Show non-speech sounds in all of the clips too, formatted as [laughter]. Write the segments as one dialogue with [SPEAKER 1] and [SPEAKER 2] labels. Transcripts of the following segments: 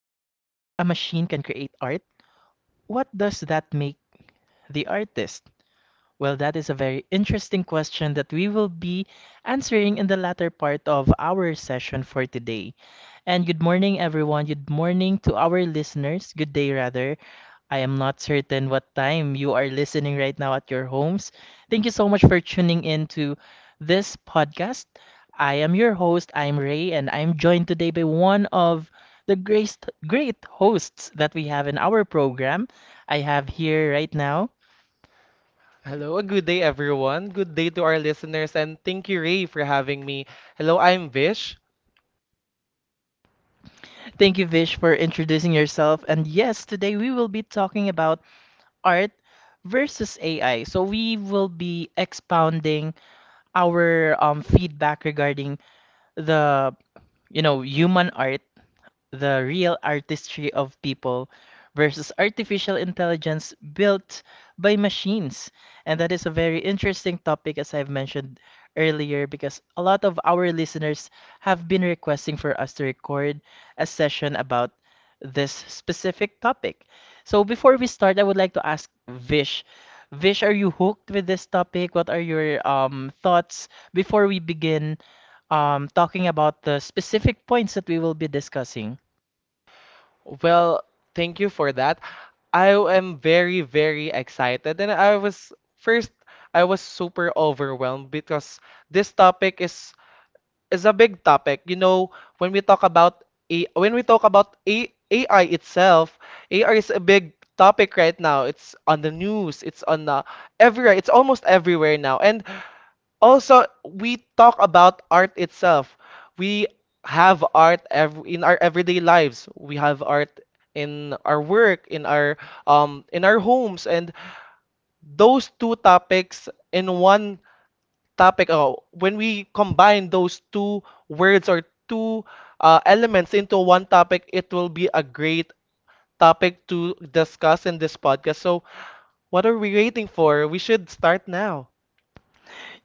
[SPEAKER 1] machine can create art, what does that make the artist? Well, that is a very interesting question that we will be answering in the latter part of our session for today. And good morning, everyone. Good morning to our listeners. Good day, rather. I am not certain what time you are listening right now at your homes. Thank you so much for tuning in to this podcast. I am your host, I'm Ray, and I'm joined today by one of the great hosts that we have in our program. I have here right now.
[SPEAKER 2] Hello, a good day, everyone. Good day to our listeners, and thank you, Ray, for having me. Hello, I'm Vish.
[SPEAKER 1] Thank you, Vish, for introducing yourself. And yes, today we will be talking about art versus AI. So we will be expounding our feedback regarding the human art, the real artistry of people versus artificial intelligence built by machines. And that is a very interesting topic, as I've mentioned earlier, because a lot of our listeners have been requesting for us to record a session about this specific topic. So before we start, I would like to ask Vish. Vish, are you hooked with this topic? What are your thoughts before we begin talking about the specific points that we will be discussing?
[SPEAKER 2] Well, thank you for that. I am very, very excited, and I was super overwhelmed because this topic is a big topic. When we talk about A, AI itself, AI is a big topic right now. It's on the news. It's on everywhere. It's almost everywhere now, and also, we talk about art itself. We have art ev in our everyday lives. We have art in our work, in our homes, and those two topics in one topic. Oh, when we combine those two words or two elements into one topic, it will be a great topic to discuss in this podcast. So, what are we waiting for? We should start now.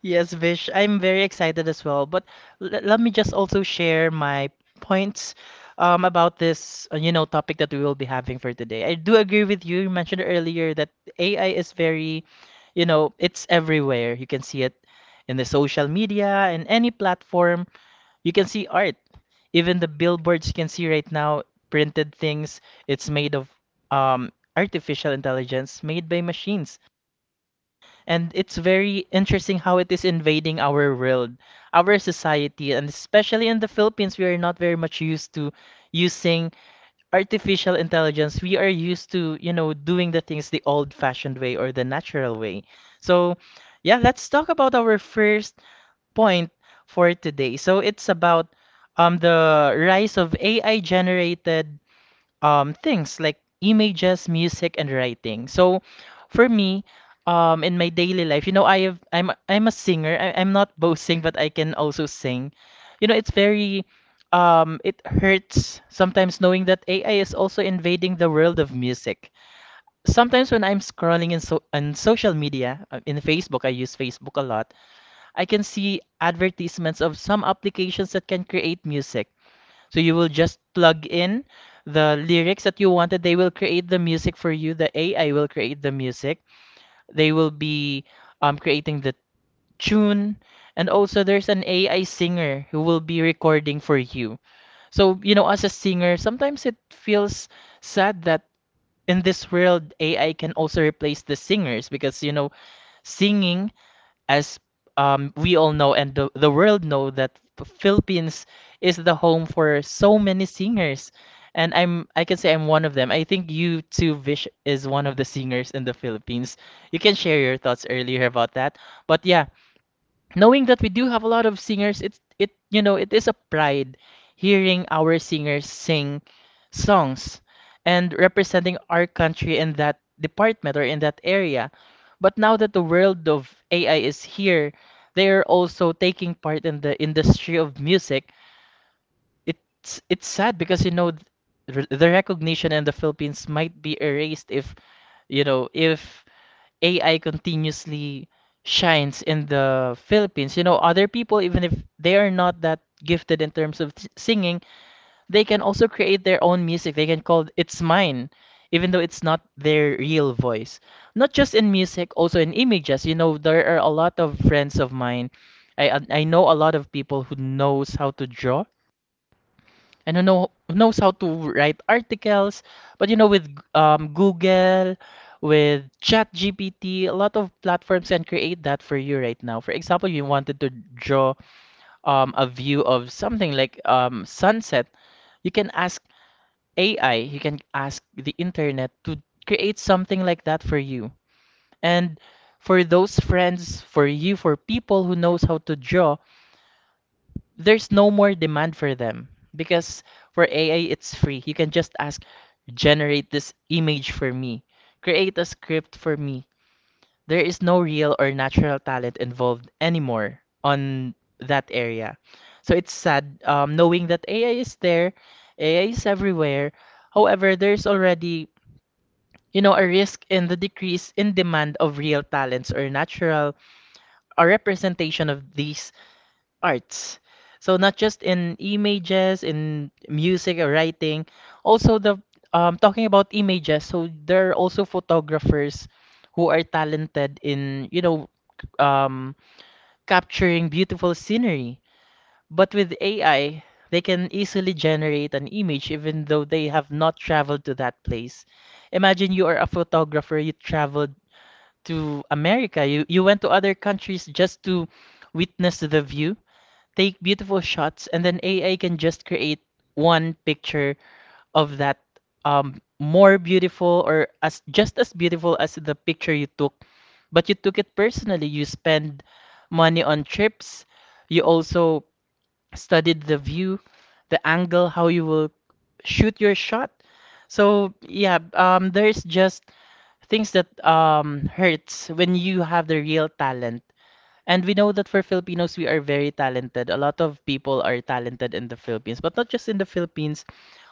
[SPEAKER 1] Yes, Vish, I'm very excited as well. But let me just also share my points about this, you know, topic that we will be having for today. I do agree with you. You mentioned earlier that AI is very, you know, it's everywhere. You can see it in the social media, in any platform. You can see art. Even the billboards you can see right now, printed things, it's made of artificial intelligence made by machines. And it's very interesting how it is invading our world, our society, and especially in the Philippines, we are not very much used to using artificial intelligence. We are used to, you know, doing the things the old-fashioned way or the natural way. So, yeah, let's talk about our first point for today. So, it's about the rise of AI-generated things like images, music, and writing. So for me, in my daily life, you know, I have I'm a singer. I'm not boasting, but I can also sing. You know, it's very it hurts sometimes knowing that AI is also invading the world of music. Sometimes when I'm scrolling in so on social media, in Facebook, I use Facebook a lot. I can see advertisements of some applications that can create music. So you will just plug in the lyrics that you wanted. They will create the music for you. The AI will create the music. They will be creating the tune. And also, there's an AI singer who will be recording for you. So, you know, as a singer, sometimes it feels sad that in this world, AI can also replace the singers because, you know, singing as we all know, and the world know that Philippines is the home for so many singers. And I can say I'm one of them. I think you too, Vish, is one of the singers in the Philippines. You can share your thoughts earlier about that. But yeah, knowing that we do have a lot of singers, it, you know, it is a pride hearing our singers sing songs and representing our country in that department or in that area. But now that the world of AI is here, they are also taking part in the industry of music. It's sad because, you know, the recognition in the Philippines might be erased if, you know, if AI continuously shines in the Philippines. You know, other people, even if they are not that gifted in terms of singing, they can also create their own music. They can call it's mine, even though it's not their real voice. Not just in music, also in images. You know, there are a lot of friends of mine. I know a lot of people who knows how to draw and who knows how to write articles. But you know, with Google, with ChatGPT, a lot of platforms can create that for you right now. For example, you wanted to draw a view of something like sunset, you can ask AI, you can ask the internet to create something like that for you. And for those friends, for you, for people who knows how to draw, there's no more demand for them because for AI it's free. You can just ask, generate this image for me, create a script for me. There is no real or natural talent involved anymore on that area. So it's sad, knowing that AI is there, AI is everywhere. However, there's already, you know, a risk in the decrease in demand of real talents or natural a representation of these arts. So not just in images, in music or writing, also the talking about images. So there are also photographers who are talented in, you know, um, capturing beautiful scenery. But with AI, they can easily generate an image even though they have not traveled to that place. Imagine you are a photographer, you traveled to America, you went to other countries just to witness the view, take beautiful shots, and then AI can just create one picture of that, more beautiful or as just as beautiful as the picture you took. But you took it personally, you spend money on trips, you also studied the view, the angle, how you will shoot your shot. So yeah, there's just things that hurts when you have the real talent. And we know that for Filipinos, we are very talented. A lot of people are talented in the Philippines, but not just in the Philippines,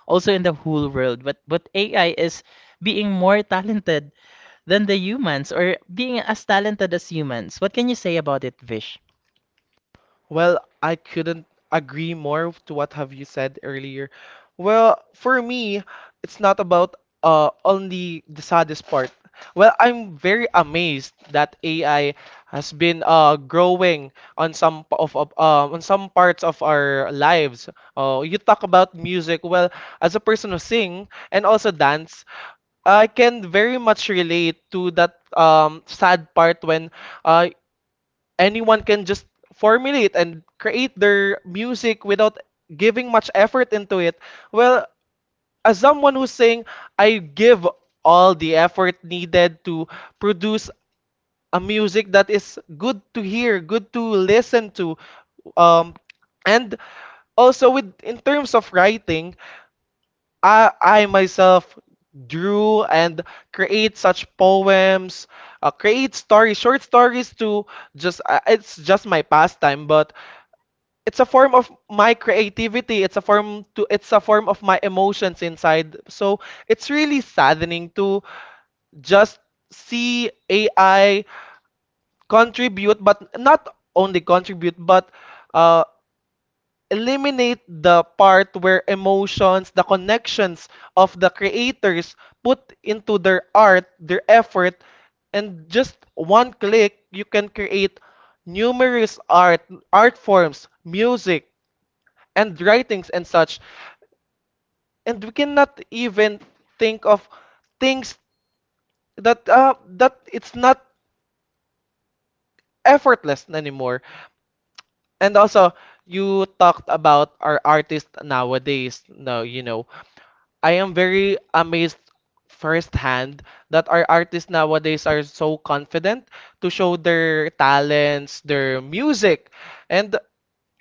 [SPEAKER 1] also in the whole world. But AI is being more talented than the humans or being as talented as humans. What can you say about it, Vish?
[SPEAKER 2] Well, I couldn't agree more to what have you said earlier. Well, for me, it's not about only the saddest part. Well, I'm very amazed that AI has been growing on some p- of on some parts of our lives. You talk about music. Well, as a person who sing and also dance, I can very much relate to that sad part when uh anyone can just formulate and create their music without giving much effort into it. Well, as someone who's saying, I give all the effort needed to produce a music that is good to hear, good to listen to. Um, and also with in terms of writing, I myself drew and create such poems, create stories, short stories to just it's just my pastime, but it's a form of my creativity, it's a form of my emotions inside. So it's really saddening to just see AI contribute, but not only contribute but uh, eliminate the part where emotions, the connections of the creators put into their art, their effort, and just one click you can create numerous art forms, music, and writings and such. And we cannot even think of things that it's not effortless anymore. And also, you talked about our artists nowadays. No, I am very amazed firsthand that our artists nowadays are so confident to show their talents, their music, and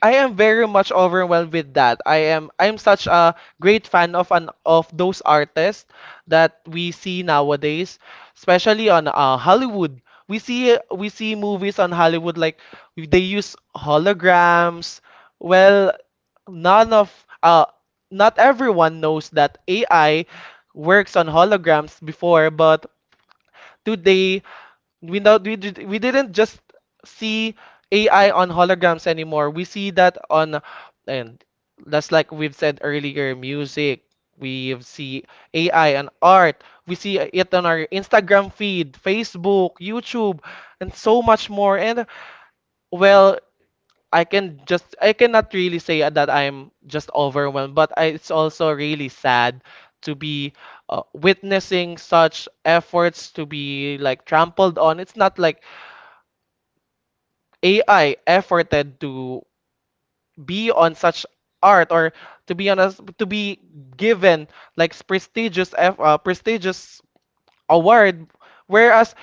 [SPEAKER 2] I am very much overwhelmed with that. I'm such a great fan of those artists that we see nowadays, especially on Hollywood. We see movies on Hollywood, like they use holograms. Well, none of uh not everyone knows that AI works on holograms before, but today, we didn't just see AI on holograms anymore. We see that on, and that's like we've said earlier, music. We see AI and art. We see it on our Instagram feed, Facebook, YouTube, and so much more. And well, I cannot really say that I'm just overwhelmed, but it's also really sad to be witnessing such efforts to be like trampled on. It's not like AI efforted to be on such art, or to be on honest to be given like prestigious award, whereas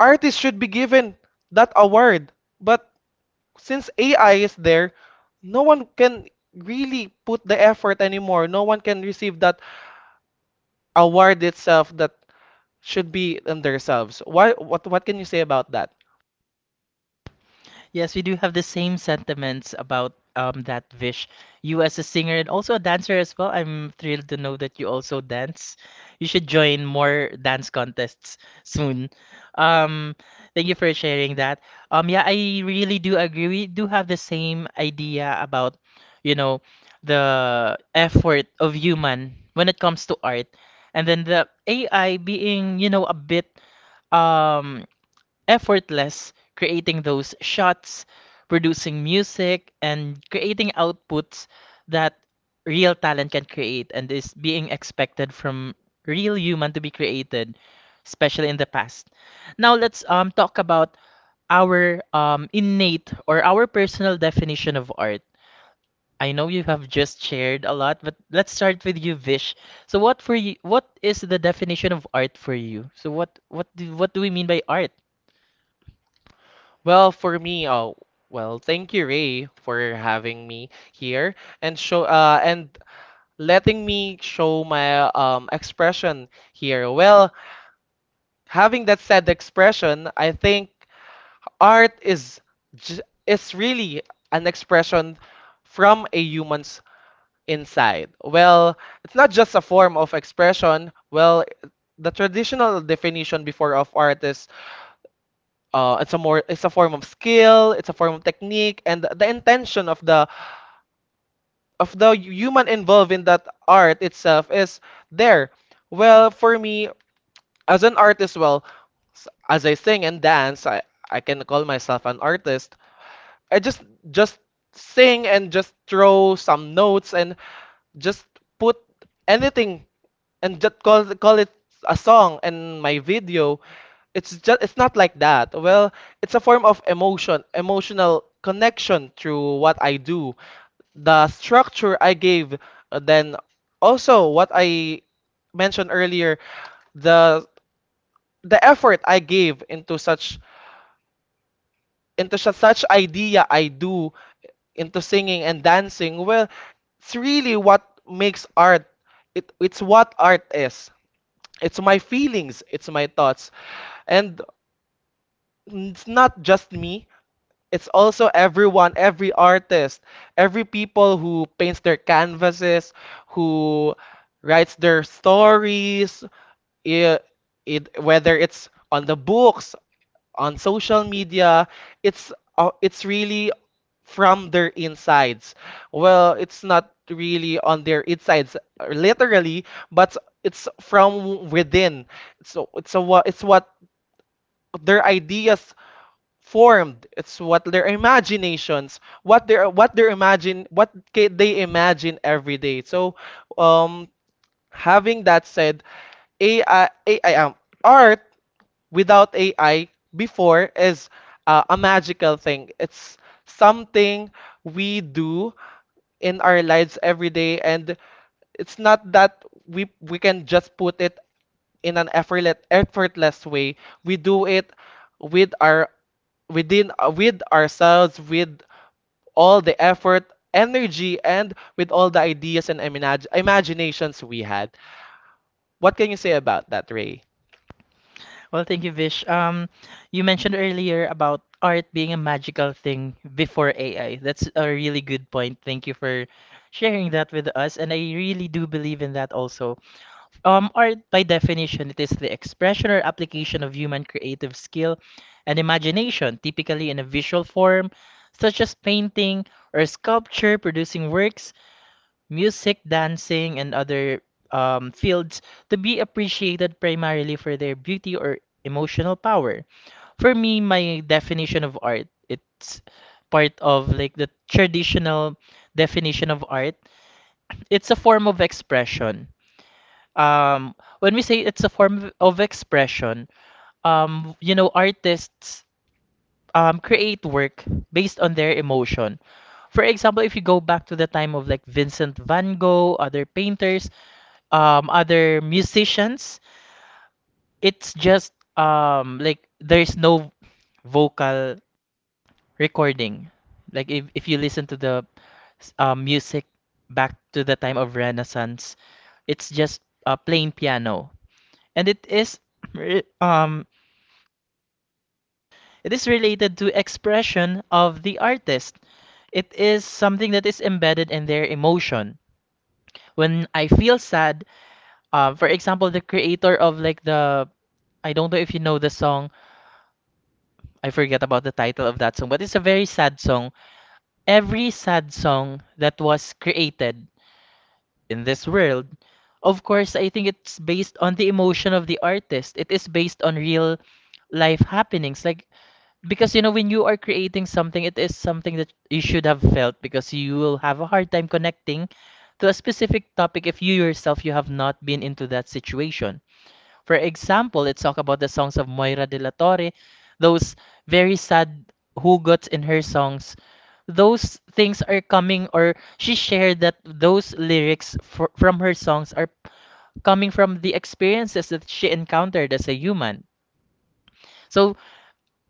[SPEAKER 2] artists should be given that award. But since AI is there, no one can really put the effort anymore. No one can receive that award itself that should be in themselves. Why, what can you say about that?
[SPEAKER 1] Yes, we do have the same sentiments about that, Vish. You as a singer and also a dancer as well. I'm thrilled to know that you also dance. You should join more dance contests soon. Um, thank you for sharing that. Yeah, I really do agree. We do have the same idea about, you know, the effort of human when it comes to art, and then the AI being, you know, a bit um effortless, creating those shots, producing music, and creating outputs that real talent can create and is being expected from real human to be created, especially in the past. Now let's talk about our innate or our personal definition of art. I know you have just shared a lot, but let's start with you, Vish. So what for you, what is the definition of art for you? So what do we mean by art?
[SPEAKER 2] Well, for me, oh, well, thank you, Ray, for having me here and show and letting me show my expression here. Well, having that said expression, I think art is really an expression from a human's inside. Well, it's not just a form of expression. Well, the traditional definition before of art is it's a form of skill, it's a form of technique, and the intention of the human involved in that art itself is there. Well, for me as an artist, well, as I sing and dance, I can call myself an artist. I just sing, and just throw some notes, and just put anything, and just call it a song and my video. It's not like that. Well, it's a form of emotional connection through what I do, the structure I gave, then also what I mentioned earlier, the the effort I gave into such such idea I do into singing and dancing. Well, it's really what makes art. It's what art is. It's my feelings, it's my thoughts. And it's not just me, it's also everyone, every artist, every people who paints their canvases, who writes their stories, it, whether it's on the books, on social media, it's it's really from their insides. Well, it's not really on their insides literally, but it's from within. It's what their ideas formed. It's what their imaginations, what their imagine, what ca- they imagine every day. So, um, having that said, AI, AI art without AI before is a magical thing. It's something we do in our lives every day, and it's not that we can just put it in an effortless way. We do it with our within with ourselves with all the effort, energy, and with all the ideas and imaginations we had. What can you say about that, Ray?
[SPEAKER 1] Well, thank you, Vish. You mentioned earlier about art being a magical thing before AI. That's a really good point. Thank you for sharing that with us. And I really do believe in that also. Art, by definition, it is the expression or application of human creative skill and imagination, typically in a visual form, such as painting or sculpture, producing works, music, dancing, and other fields to be appreciated primarily for their beauty or emotional power. For me, my definition of art, it's part of like the traditional definition of art. It's a form of expression. Um, when we say it's a form of expression, you know, artists create work based on their emotion. For example, if you go back to the time of like Vincent van Gogh, other painters, other musicians. It's just like there's no vocal recording. Like if you listen to the music back to the time of Renaissance, it's just plain piano, and it is [clears throat] re- um it is related to expression of the artist. It is something that is embedded in their emotion. When I feel sad, for example, the creator of like the, I don't know if you know the song, I forget about the title of that song, but it's a very sad song. Every sad song that was created in this world, of course, I think it's based on the emotion of the artist. It is based on real life happenings. Like, because, you know, when you are creating something, it is something that you should have felt because you will have a hard time connecting to a specific topic if you yourself you have not been into that situation. For example, let's talk about the songs of Moira de la Torre, those very sad hugots in her songs. Those things are coming, or she shared that those lyrics fr from her songs are coming from the experiences that she encountered as a human. So,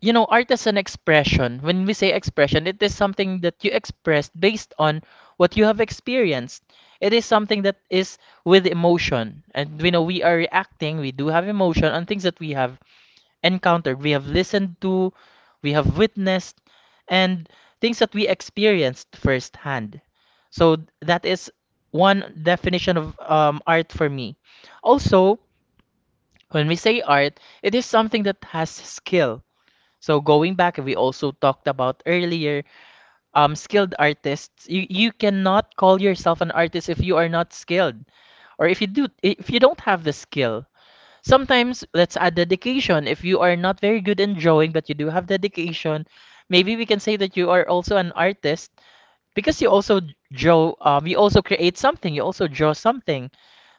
[SPEAKER 1] you know, art is an expression. When we say expression, it is something that you express based on what you have experienced. It is something that is with emotion. And we know we are reacting, we do have emotion on things that we have encountered, we have listened to, we have witnessed, and things that we experienced firsthand. So that is one definition of art for me. Also, when we say art, it is something that has skill. So going back, we also talked about earlier, skilled artists. You cannot call yourself an artist if you are not skilled, or if you don't have the skill. Sometimes let's add dedication. If you are not very good in drawing, but you do have dedication, maybe we can say that you are also an artist because you also draw, you also create something, you also draw something.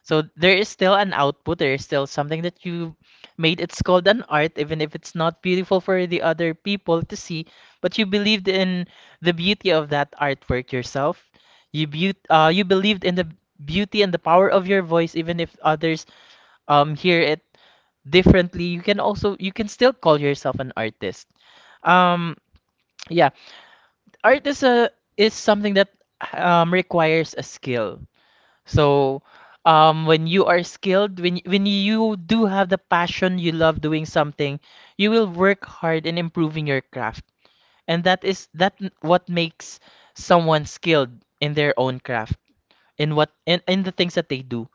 [SPEAKER 1] So there is still an output, there is still something that you made. It's called an art, even if it's not beautiful for the other people to see, but you believed in the beauty of that artwork yourself. You beau you believed in the beauty and the power of your voice, even if others hear it differently. You can also, you can still call yourself an artist. um yeah, art is a, is something that requires a skill. So when you are skilled, when when you do have the passion, you love doing something, you will work hard in improving your craft, and that is what makes someone skilled in their own craft, in what in the things that they do.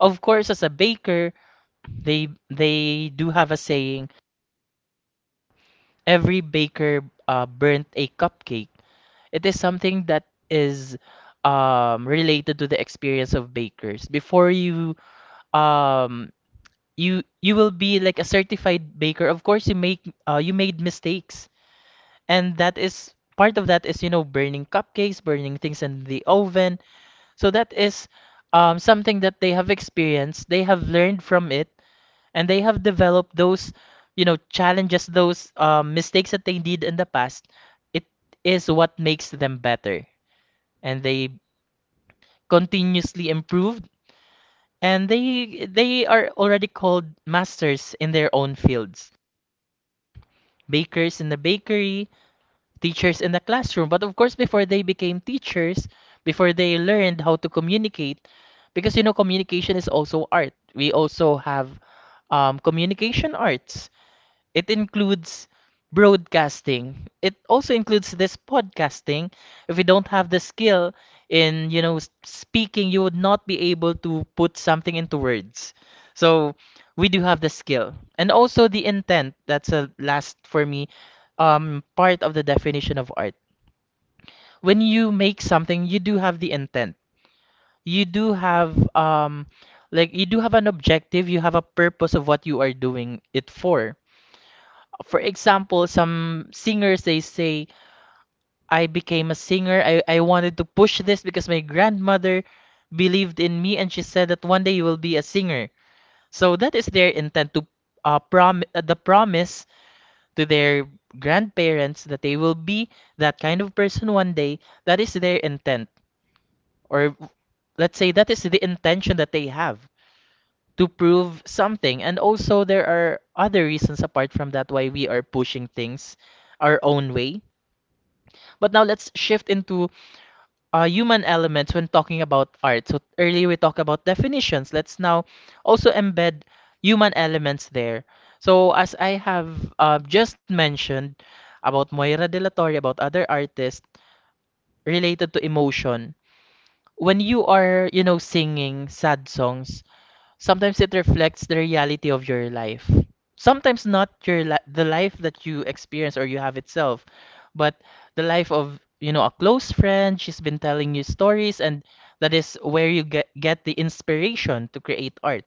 [SPEAKER 1] Of course, as a baker, they do have a saying: every baker burnt a cupcake. It is something that is related to the experience of bakers. Before you um, you will be like a certified baker. Of course, you make you made mistakes, and that is, you know, burning cupcakes, burning things in the oven. So that is something that they have experienced. They have learned from it, and they have developed those, you know, challenges, those mistakes that they did in the past. It is what makes them better, and they continuously improved and they are already called masters in their own fields: bakers in the bakery, teachers in the classroom. But of course, before they became teachers, before they learned how to communicate, because you know, communication is also art. We also have communication arts. It includes broadcasting. It also includes this podcasting. If you don't have the skill in, you know, speaking, you would not be able to put something into words. So we do have the skill. And also the intent. That's a last for me part of the definition of art. When you make something, you do have the intent. You do have like you do have an objective, you have a purpose of what you are doing it for. For example, some singers they say, I became a singer. I wanted to push this because my grandmother believed in me and she said that one day you will be a singer. So that is their intent to prom the promise to their grandparents that they will be that kind of person one day. That is their intent, or let's say that is the intention that they have to prove something. And also there are other reasons apart from that why we are pushing things our own way. But now let's shift into human elements when talking about art. So earlier we talked about definitions. Let's now also embed human elements there. So as I have just mentioned about Moira De La Torre, about other artists related to emotion. When you are, you know, singing sad songs, sometimes it reflects the reality of your life. Sometimes not the life that you experience or you have itself, but the life of, you know, a close friend. She's been telling you stories, and that is where you get the inspiration to create art.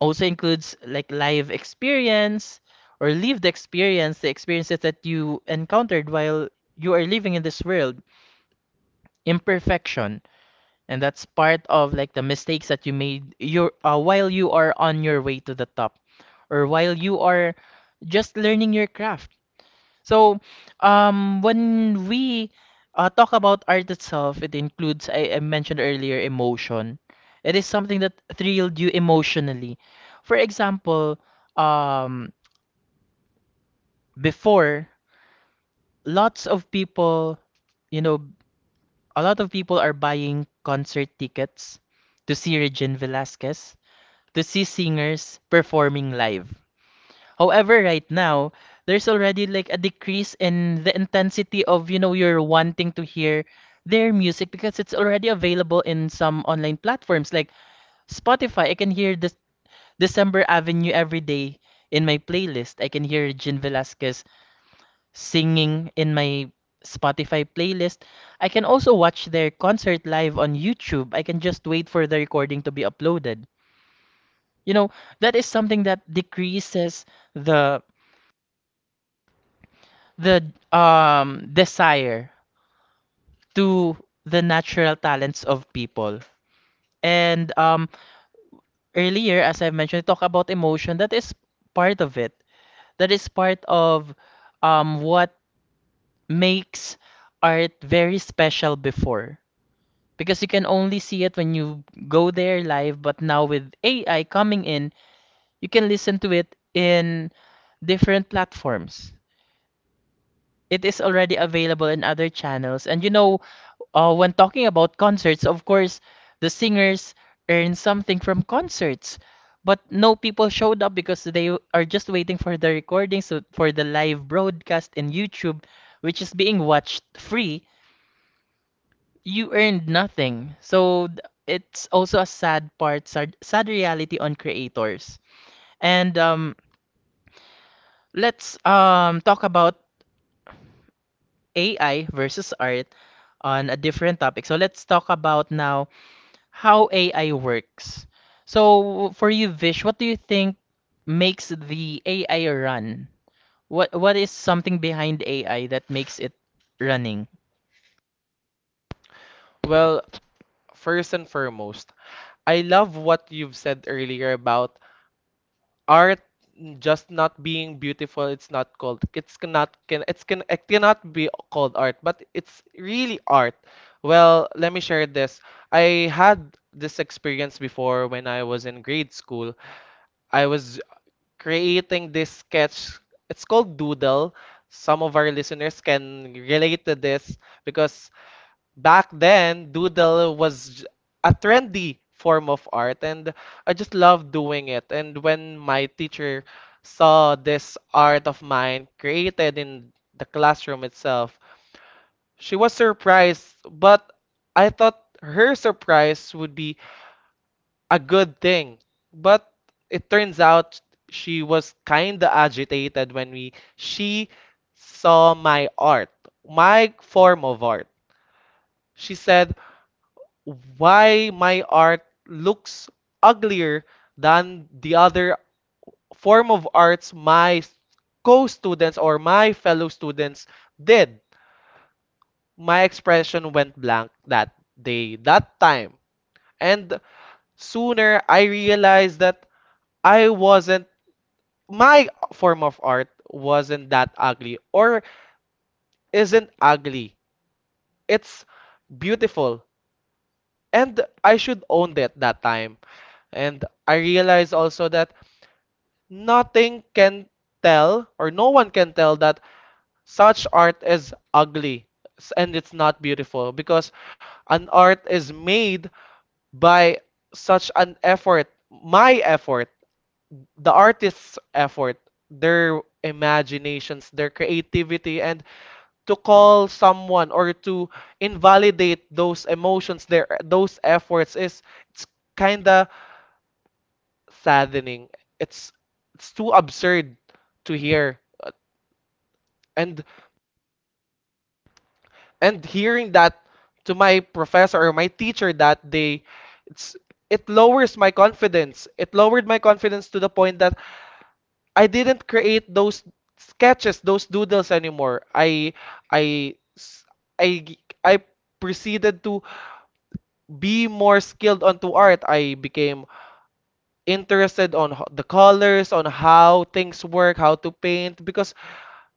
[SPEAKER 1] Also includes like live experience or lived experience, the experiences that you encountered while you are living in this world. Imperfection, and that's part of like the mistakes that you made your while you are on your way to the top, or while you are just learning your craft. So when we talk about art itself, it includes, I mentioned earlier, emotion. It is something that thrilled you emotionally. For example, um before, lots of people, you know, a lot of people are buying concert tickets to see Regine Velasquez, to see singers performing live. However, right now, there's already like a decrease in the intensity of, you know, you're wanting to hear their music because it's already available in some online platforms like Spotify. I can hear this December Avenue every day in my playlist. I can hear Jin Velasquez singing in my Spotify playlist. I can also watch their concert live on YouTube. I can just wait for the recording to be uploaded. You know, that is something that decreases the the desire to the natural talents of people. And earlier, as I mentioned, talk about emotion. That is part of it. That is part of what makes art very special before. Because you can only see it when you go there live, but now with AI coming in, you can listen to it in different platforms. It is already available in other channels. And you know, when talking about concerts, of course, the singers earn something from concerts. But no people showed up because they are just waiting for the recordings, for the live broadcast in YouTube, which is being watched free. You earned nothing. It's also a sad part, sad, sad reality on creators. And let's talk about AI versus art on a different topic. So let's talk about now how AI works. So for you, Vish, what do you think makes the AI run? What is something behind AI that makes it running?
[SPEAKER 2] Well, first and foremost, I love what you've said earlier about art just not being beautiful. It's not called. It cannot be called art, but it's really art. Well, let me share this. I had this experience before when I was in grade school. I was creating this sketch. It's called Doodle. Some of our listeners can relate to this because back then, doodle was a trendy form of art, and I just loved doing it. And when my teacher saw this art of mine created in the classroom itself, she was surprised, but I thought her surprise would be a good thing. But it turns out she was kinda agitated when we she saw my art, my form of art. She said, why my art looks uglier than the other form of arts, co-students or my fellow students did. My expression went blank that day, that time. And sooner I realized that I wasn't, my form of art wasn't that ugly, or isn't ugly. It's beautiful. And I should own that time. And I realized also that nothing can tell, or no one can tell, that such art is ugly and it's not beautiful, because an art is made by such an effort, my effort, the artist's effort, their imaginations, their creativity, and to call someone or to invalidate those emotions, their those efforts is it's kinda saddening. It's it's too absurd to hear, and and hearing that to my professor or my teacher that day, it's it lowered my confidence to the point that I didn't create those sketches, those doodles anymore. I s- I g- I proceeded to be more skilled onto art. I became interested on the colors, on how things work, how to paint, because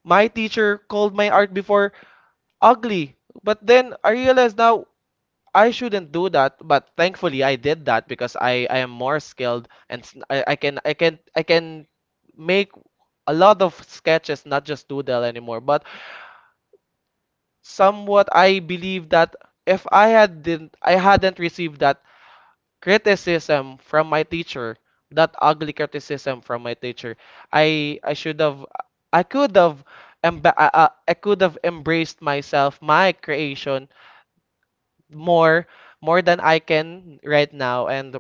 [SPEAKER 2] my teacher called my art before ugly. But then I realized now I shouldn't do that, but thankfully I did that, because I am more skilled, and I can make a lot of sketches, not just doodle anymore. But somewhat I believe that if I hadn't received that criticism from my teacher, that ugly criticism from my teacher, I I should have I could have emba I could have embraced myself, my creation more more than I can right now. And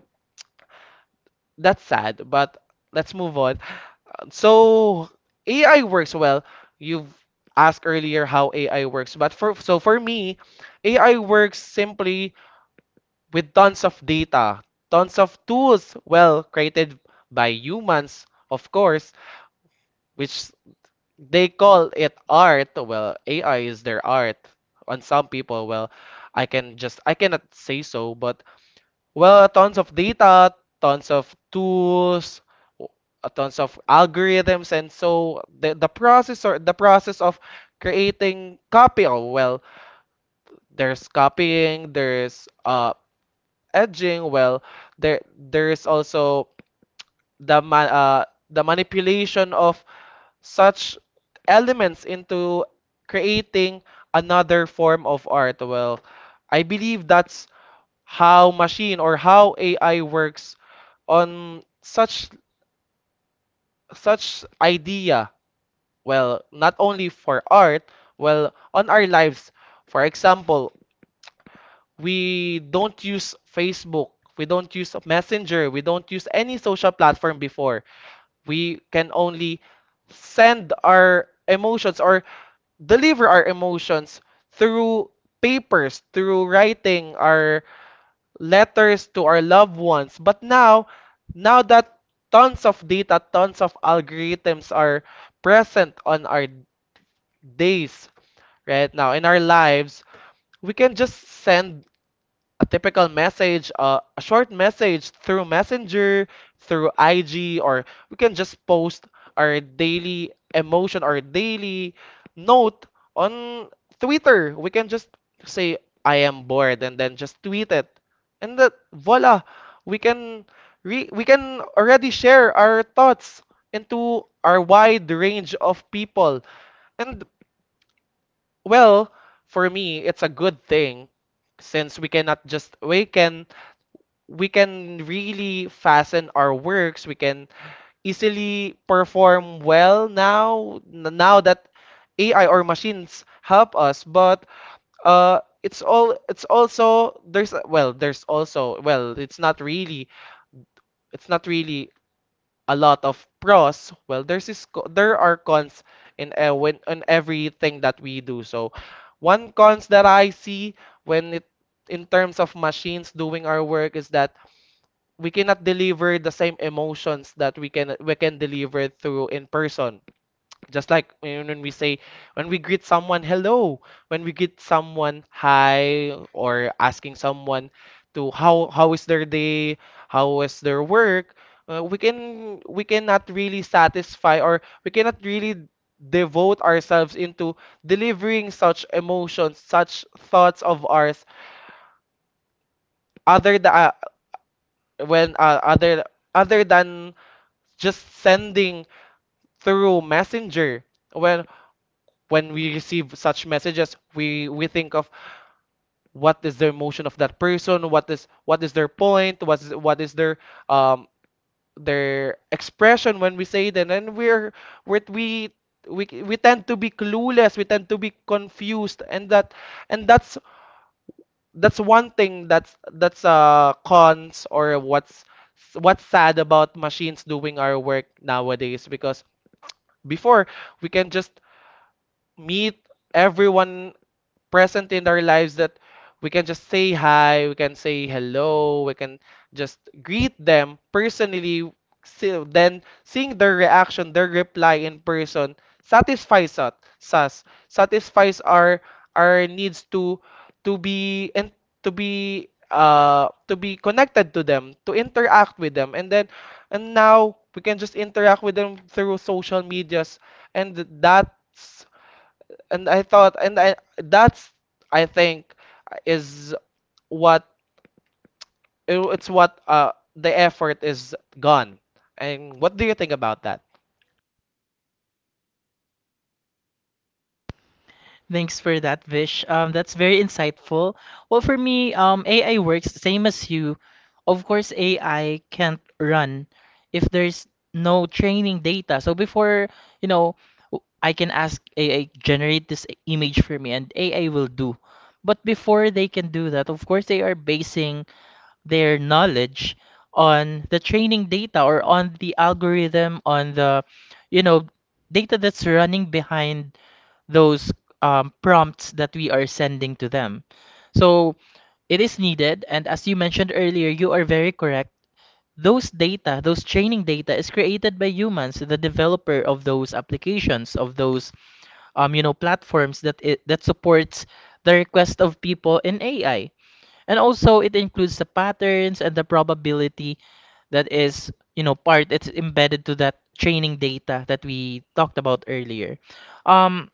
[SPEAKER 2] that's sad, but let's move on. So AI works well. You've asked earlier how AI works, but for me, AI works simply with tons of data, tons of tools, well, created by humans, of course, which they call it art. Well, AI is their art. On some people, well, I cannot say so, but well, tons of data, tons of tools, w- tons of algorithms, and so the process or the process of creating copy. Oh, well, there's copying, there's edging. Well, there's also the ma uh, the manipulation of such elements into creating another form of art. Well, I believe that's how machine or how AI works on such idea. Well, not only for art, well, on our lives, for example, we don't use Facebook, we don't use Messenger, we don't use any social platform before. We can only send our emotions or deliver our emotions through papers, through writing our letters to our loved ones. But now, now that tons of data, tons of algorithms are present on our days right now in our lives, we can just send a typical message, a short message through Messenger, through IG, or we can just post our daily emotion or daily note on Twitter. We can just say, I am bored, and then just tweet it. And that, voila, we can we can already share our thoughts into our wide range of people. And well, for me, it's a good thing since we cannot just we can really fasten our works. We can easily perform well now, now that AI or machines help us. But it's all it's also there's a- well there's also well it's not really a lot of pros. Well, there are cons in when on everything that we do. So one cons that I see when it in terms of machines doing our work is that we cannot deliver the same emotions that we can deliver through in person. Just like when we say when we greet someone hello, when we greet someone hi, or asking someone to how is their day, how is their work. Uh, we cannot really satisfy or we cannot really devote ourselves into delivering such emotions, such thoughts of ours other than when other other than just sending through messenger. When we receive such messages, we think of what is the emotion of that person, what is their point, what is um their expression when we say that. And then we're we tend to be clueless, we tend to be confused. And that's one thing that's cons, or what's sad about machines doing our work nowadays. Because Before, we can just meet everyone present in our lives, that we can just say hi, we can say hello, we can just greet them personally. So then seeing their reaction, their reply in person satisfies us, satisfies our needs to be and to be connected to them, to interact with them. And then and now we can just interact with them through social medias, and that's and I thought, and I that's I think is what it's what the effort is gone. And what do you think about that?
[SPEAKER 1] Thanks for that, Vish. That's very insightful. Well, for me, AI works the same as you. Of course, AI can't run if there's no training data. So before, you know, I can ask AI generate this image for me, and AI will do. But before they can do that, of course, they are basing their knowledge on the training data or on the algorithm, on the, you know, data that's running behind those prompts that we are sending to them. So it is needed, and as you mentioned earlier, you are very correct. Those data, those training data, is created by humans, the developer of those applications, of those you know, platforms that it, that supports the request of people in AI, and also it includes the patterns and the probability that is, you know, part, it's embedded to that training data that we talked about earlier. Um,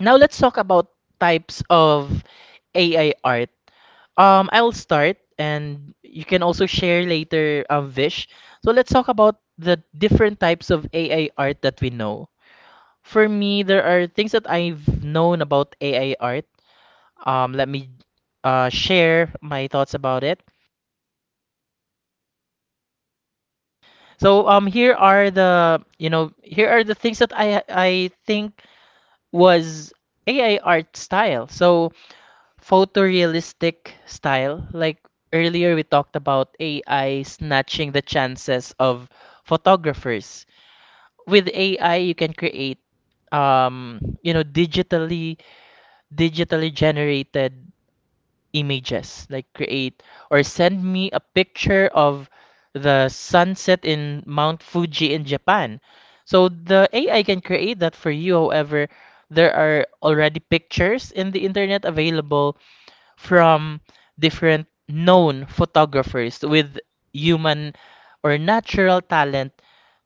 [SPEAKER 1] Now let's talk about types of AI art. I'll start and you can also share later, Vish. So let's talk about the different types of AI art that we know. For me, there are things that I've known about AI art. Let me share my thoughts about it. So here are the, you know, here are the things that I think was AI art style. So photorealistic style. Like earlier, we talked about AI snatching the chances of photographers. With AI, you can create, you know, digitally generated images. Like create or send me a picture of the sunset in Mount Fuji in Japan. So the AI can create that for you. However, there are already pictures in the internet available from different known photographers with human or natural talent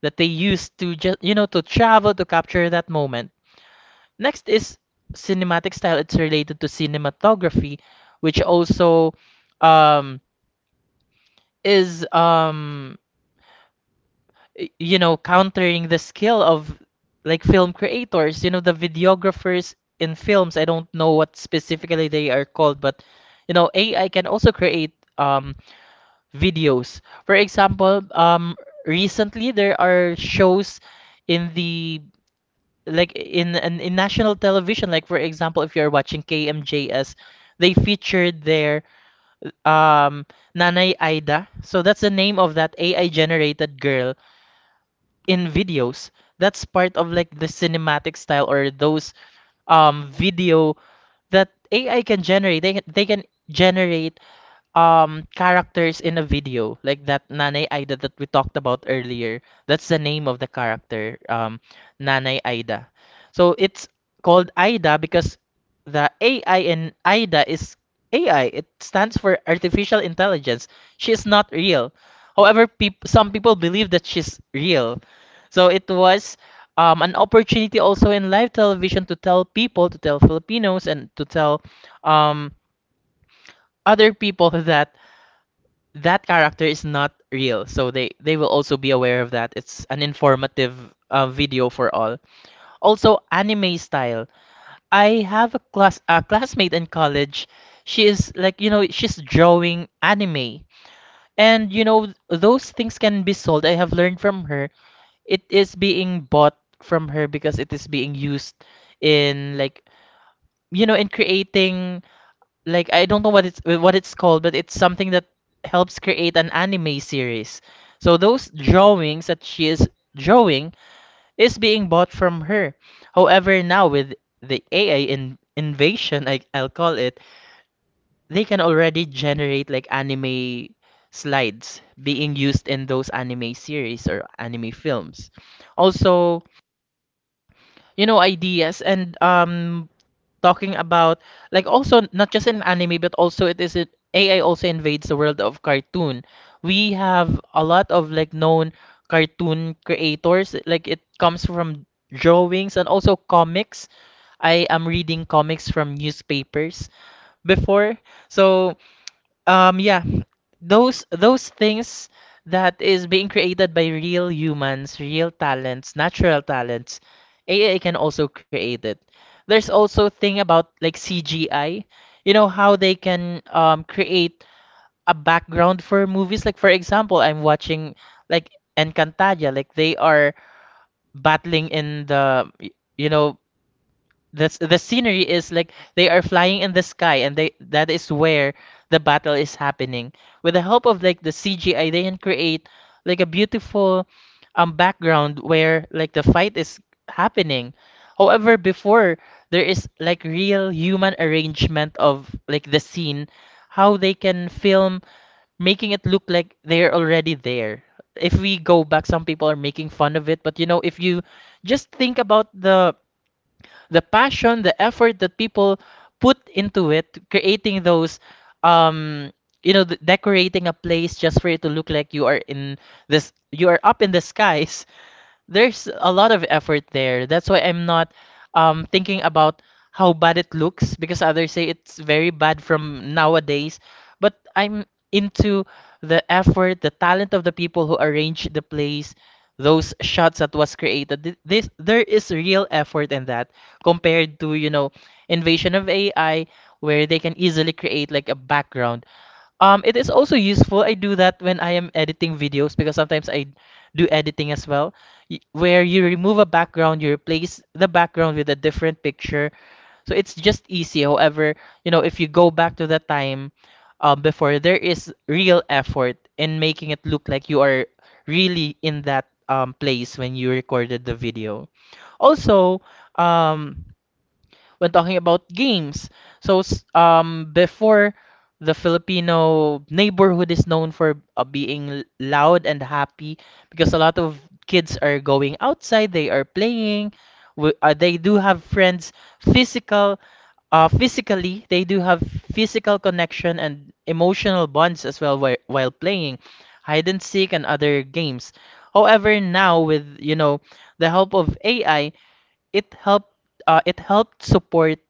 [SPEAKER 1] that they use to just, you know, to travel to capture that moment. Next is cinematic style. It's related to cinematography, which also um, is you know, countering the skill of like film creators. You know, the videographers in films. I don't know what specifically they are called, but you know, AI can also create videos. For example, recently there are shows in the in national television. Like for example, if you're watching KMJS, they featured their um Nanay Aida. So that's the name of that AI generated girl in videos. That's part of like the cinematic style or those video that AI can generate. They can generate characters in a video like that Nanay Aida that we talked about earlier. That's the name of the character, Nanay Aida. So it's called Aida because the AI in Aida is AI. It stands for artificial intelligence. She is not real. However, some people believe that she's real. So it was an opportunity also in live television to tell people, to tell Filipinos, and to tell um, other people [laughs] that that character is not real, so they will also be aware of that. It's an informative video for all. Also, anime style. I have a classmate in college. She is like you know she's drawing anime, and you know those things can be sold. I have learned from her. It is being bought from her because it is being used in like you know in creating like I don't know what it's called, but it's something that helps create an anime series. So those drawings that she is drawing is being bought from her. However, now with the AI in invasion, I'll call it, they can already generate like anime slides being used in those anime series or anime films. Also, you know, ideas and talking about like also not just in anime but also it is it AI also invades the world of cartoon. We have a lot of like known cartoon creators like it comes from drawings and also comics. I am reading comics from newspapers before. So um, yeah, those things that is being created by real humans, real talents, natural talents, AI can also create it. There's also thing about like CGI, you know how they can create a background for movies. Like for example, I'm watching like Encantadia, like they are battling in the you know that's the scenery is like they are flying in the sky, and they that is where the battle is happening. With the help of like the CGI, they can create like a beautiful background where like the fight is happening. However, before there is like real human arrangement of like the scene, how they can film, making it look like they're already there. If we go back, some people are making fun of it, but you know, if you just think about the passion, the effort that people put into it, creating those, um, you know, decorating a place just for it to look like you are in this, you are up in the [laughs] skies, there's a lot of effort there. That's why I'm not thinking about how bad it looks because others say it's very bad from nowadays, but I'm into the effort, the talent of the people who arranged the place, those shots that was created. This there is real effort in that compared to, you know, invasion of AI where they can easily create like a background. It is also useful. I do that when I am editing videos because sometimes I do editing as well where you remove a background, you replace the background with a different picture. So it's just easy. However, you know, if you go back to the time before, there is real effort in making it look like you are really in that place when you recorded the video. Also, um, when talking about games. So, before the Filipino neighborhood is known for being loud and happy because a lot of kids are going outside, they are playing, they do have friends, physical, physically, they do have physical connection and emotional bonds as well while playing hide and seek and other games. However, now with you know the help of AI, it helped it helped support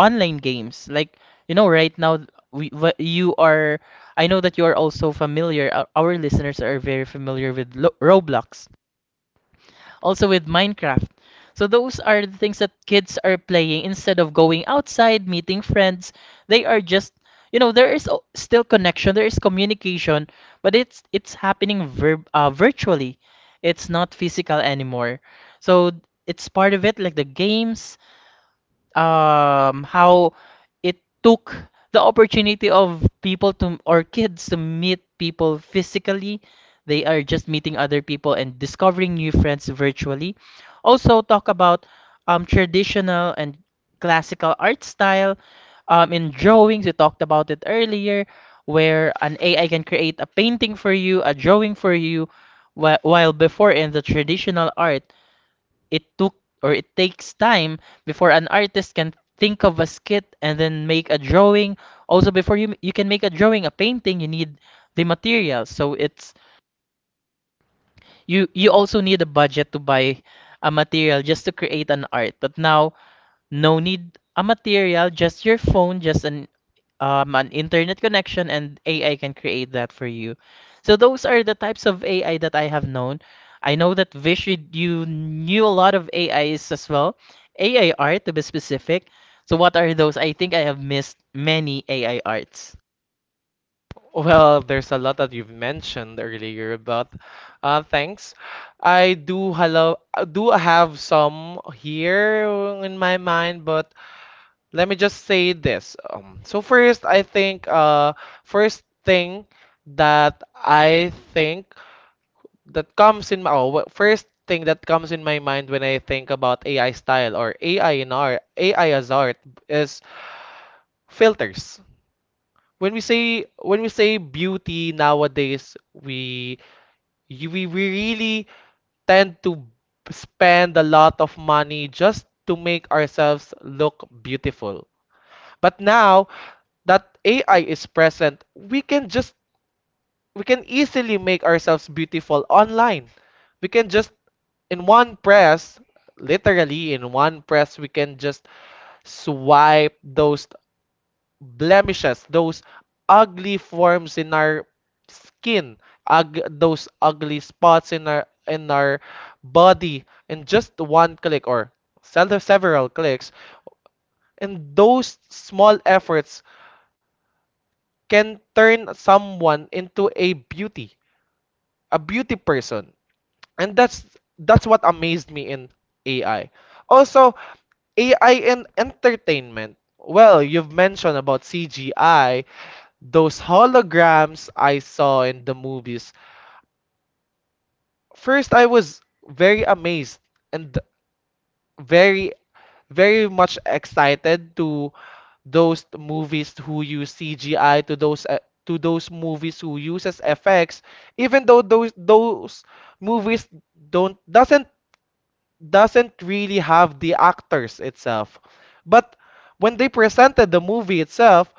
[SPEAKER 1] online games. Like, you know, right now you are I know that you are also familiar, our listeners are very familiar with Roblox, also with Minecraft. So those are the things that kids are playing instead of going outside, meeting friends. They are just, you know, there is still connection, there is communication, but it's happening verb virtually. It's not physical anymore. So it's part of it, like the games, how it took the opportunity of people to or kids to meet people physically. They are just meeting other people and discovering new friends virtually. Also talk about traditional and classical art style. In drawings, we talked about it earlier, where an AI can create a painting for you, a drawing for you, while before in the traditional art, it took or it takes time before an artist can think of a skit and then make a drawing. Also, before you can make a drawing, a painting, you need the material. So it's you also need a budget to buy a material just to create an art. But now no need a material, just your phone, just an internet connection, and AI can create that for you. So those are the types of AI that I have known. I know that Vish, you knew a lot of AIs as well, AI art to be specific. So what are those? I think I have missed many AI arts.
[SPEAKER 2] Well, there's a lot that you've mentioned earlier, but thanks. I do have some here in my mind, but let me just say this. So first, I think first thing that I think that comes in my oh, wha- first thing that comes in my mind when I think about AI style or AI in art, AI as art is filters. When we say beauty nowadays, we really tend to spend a lot of money just to make ourselves look beautiful. But now that AI is present, we can just we can easily make ourselves beautiful online. We can just in one press, literally in one press, we can just swipe those blemishes, those ugly forms in our skin, ug those ugly spots in our body in just one click or several clicks. And those small efforts can turn someone into a beauty person. And that's what amazed me in AI. Also, AI in entertainment. Well, you've mentioned about CGI, those holograms I saw in the movies. First, I was very amazed and very, very much excited to those movies who use CGI, to those movies who uses FX, even though those movies don't doesn't really have the actors itself. But when they presented the movie itself,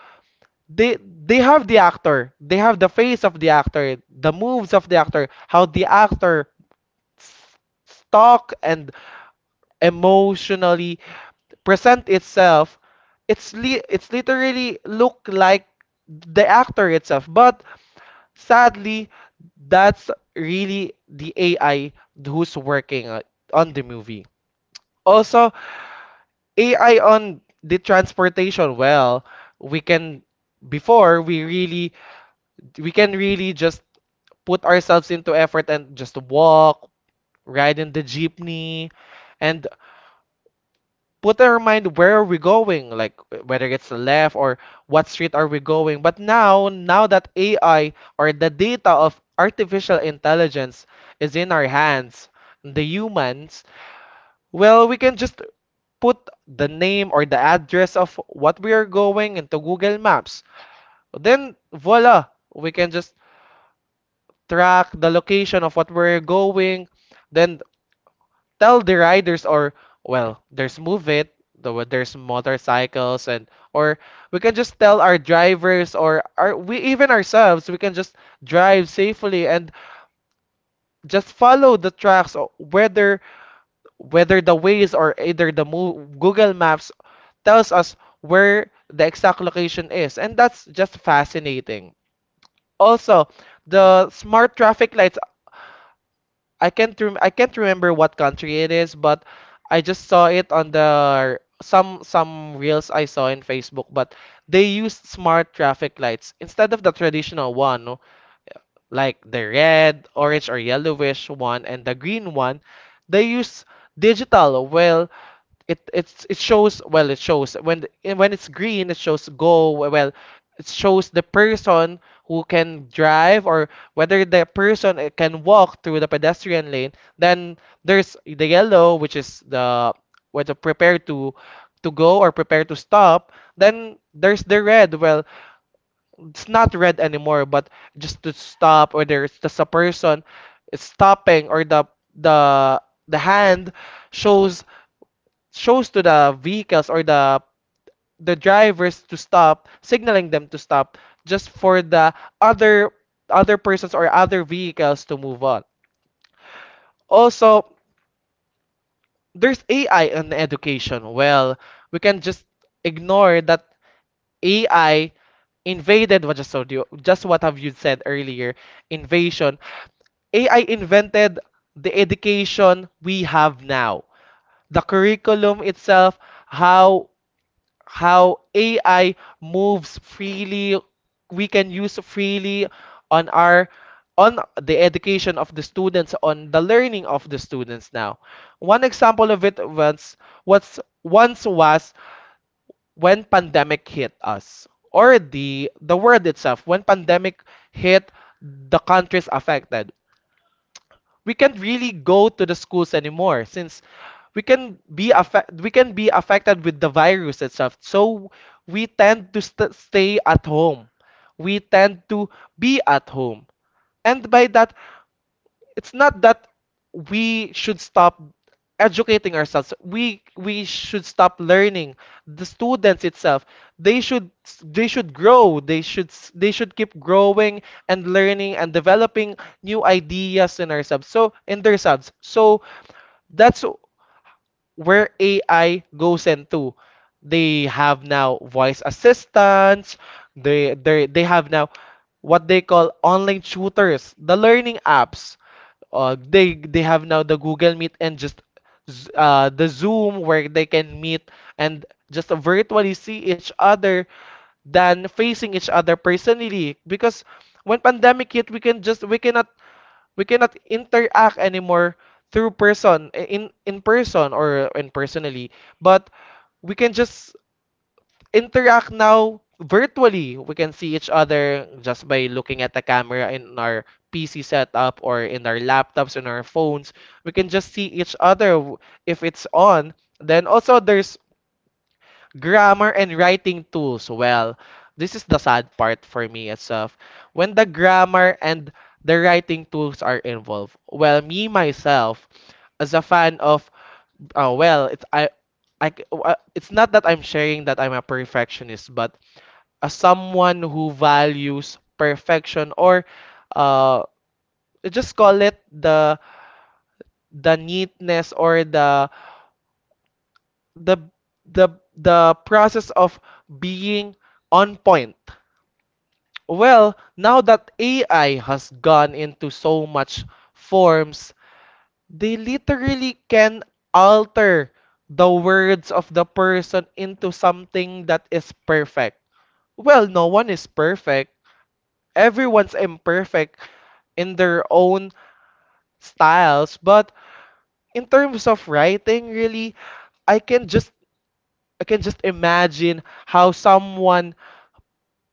[SPEAKER 2] they they have the actor, they have the face of the actor, the moves of the actor, how the actor s- talk and emotionally present itself. It's literally look like the actor itself. But sadly, that's really the AI who's working on the movie. Also, AI on the transportation, well, we can before we really we can really just put ourselves into effort and just walk, ride in the jeepney, and put in our mind where are we going, like whether it's left or what street are we going. But now, now that AI or the data of artificial intelligence is in our hands, the humans, well, we can just put the name or the address of what we are going into Google Maps. Then voila, we can just track the location of what we're going. Then tell the riders or well, there's move it. There's motorcycles, and or we can just tell our drivers or our we even ourselves we can just drive safely and just follow the tracks whether the ways or either the Google Maps tells us where the exact location is, and that's just fascinating. Also, the smart traffic lights, I can't I can't remember what country it is, but I just saw it on the some reels I saw in Facebook, but they used smart traffic lights instead of the traditional one, no? Like the red, orange, or yellowish one, and the green one, they use digital. Well, it it's it shows well it shows when it's green it shows go, well it shows the person who can drive or whether the person can walk through the pedestrian lane. Then there's the yellow, which is the whether prepare to go or prepare to stop. Then there's the red, well it's not red anymore, but just to stop, or there's just a person stopping, or the hand shows shows to the vehicles or the drivers to stop, signaling them to stop, just for the other other persons or other vehicles to move on. Also, there's AI in education. Well, we can just ignore that AI invaded what just told you, just what have you said earlier, invasion AI invented the education we have now. The curriculum itself, how how AI moves freely, we can use freely on our on the education of the students, on the learning of the students now. One example of it was what's once was when pandemic hit us, or the world itself, when pandemic hit the countries affected, we can't really go to the schools anymore since we can be affected with the virus itself. So we tend to stay at home. We tend to be at home. And by that, it's not that we should stop educating ourselves. We should stop learning. The students itself, they should they should grow. They should keep growing and learning and developing new ideas in ourselves, so in themselves. So that's where AI goes into. They have now voice assistants. They have now what they call online tutors, the learning apps. They have now the Google Meet, and just the Zoom where they can meet and just virtually see each other than facing each other personally. Because when pandemic hit, we can just we cannot interact anymore through person, in person or in personally. But we can just interact now virtually, we can see each other just by looking at the camera in our pc setup, or in our laptops, in our phones, we can just see each other if it's on. Then also there's grammar and writing tools. Well, this is the sad part for me itself. When the grammar and the writing tools are involved, well, me myself, as a fan of, uh, well, it's I, it's not that I'm sharing that I'm a perfectionist, but as someone who values perfection, or, uh, just call it the neatness, or the the the process of being on point. Well, now that AI has gone into so much forms, they literally can alter the words of the person into something that is perfect. Well, no one is perfect. Everyone's imperfect in their own styles, but in terms of writing, really, I can just I can just imagine how someone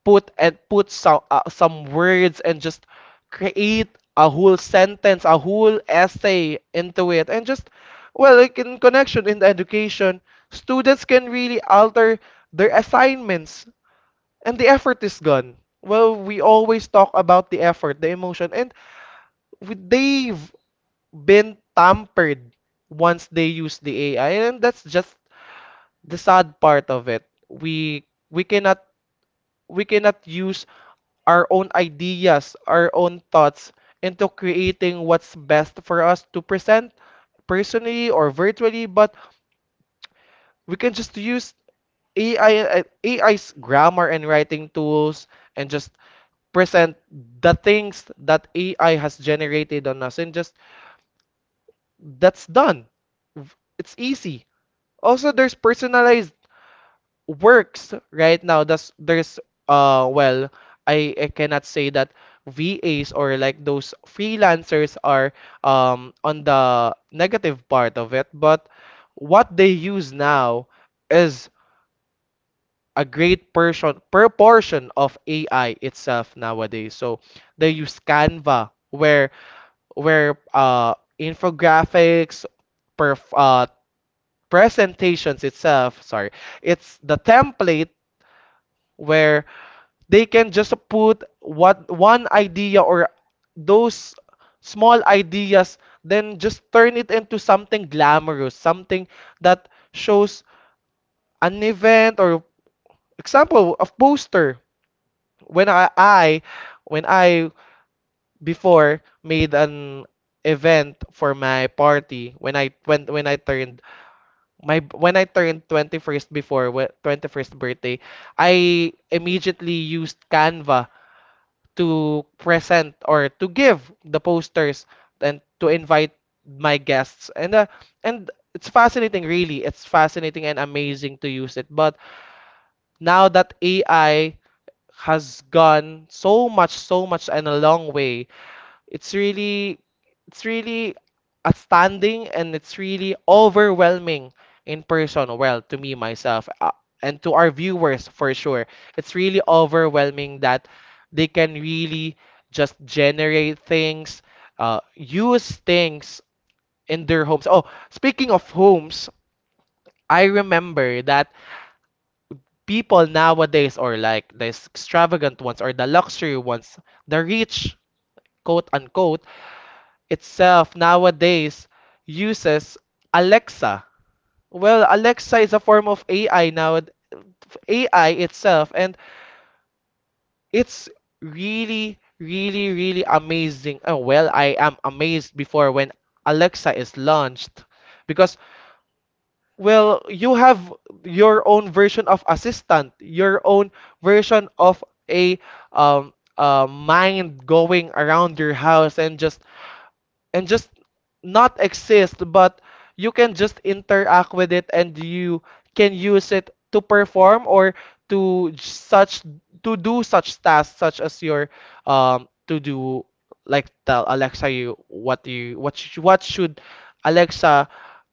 [SPEAKER 2] put some words and just create a whole sentence, a whole essay into it, and just well, like in connection in the education, students can really alter their assignments, and the effort is gone. Well, we always talk about the effort, the emotion, and they've been tampered once they use the AI, and that's just the sad part of it. We cannot use our own ideas, our own thoughts into creating what's best for us to present personally or virtually. But we can just use AI AI's grammar and writing tools and just present the things that AI has generated on us, and just that's done. V- It's easy. Also, there's personalized works right now that's there's uh well I cannot say that VAs or like those freelancers are on the negative part of it, but what they use now is a great portion proportion of AI itself nowadays. So they use Canva where where uh infographics perf presentations itself, sorry, it's the template where they can just put what one idea or those small ideas, then just turn it into something glamorous, something that shows an event, or example of poster when I when I before made an event for my party when I turned my when I turned 21st before 21st birthday. I immediately used Canva to present or to give the posters and to invite my guests. And it's fascinating, really. It's fascinating and amazing to use it. But now that AI has gone so much and a long way, it's really it's really astounding, and it's really overwhelming in person. Well, to me myself, and to our viewers for sure. It's really overwhelming that they can really just generate things, use things in their homes. Oh, speaking of homes, I remember that people nowadays, or like the extravagant ones or the luxury ones, the rich, quote unquote, itself nowadays uses Alexa. Well, Alexa is a form of AI now, AI itself, and it's really, really, really amazing. Oh, well, I am amazed before when Alexa is launched because, well, you have your own version of assistant, your own version of a mind going around your house, and just not exist, but you can just interact with it, and you can use it to perform or to such to do such tasks, such as your to do, like, tell Alexa you what sh what should Alexa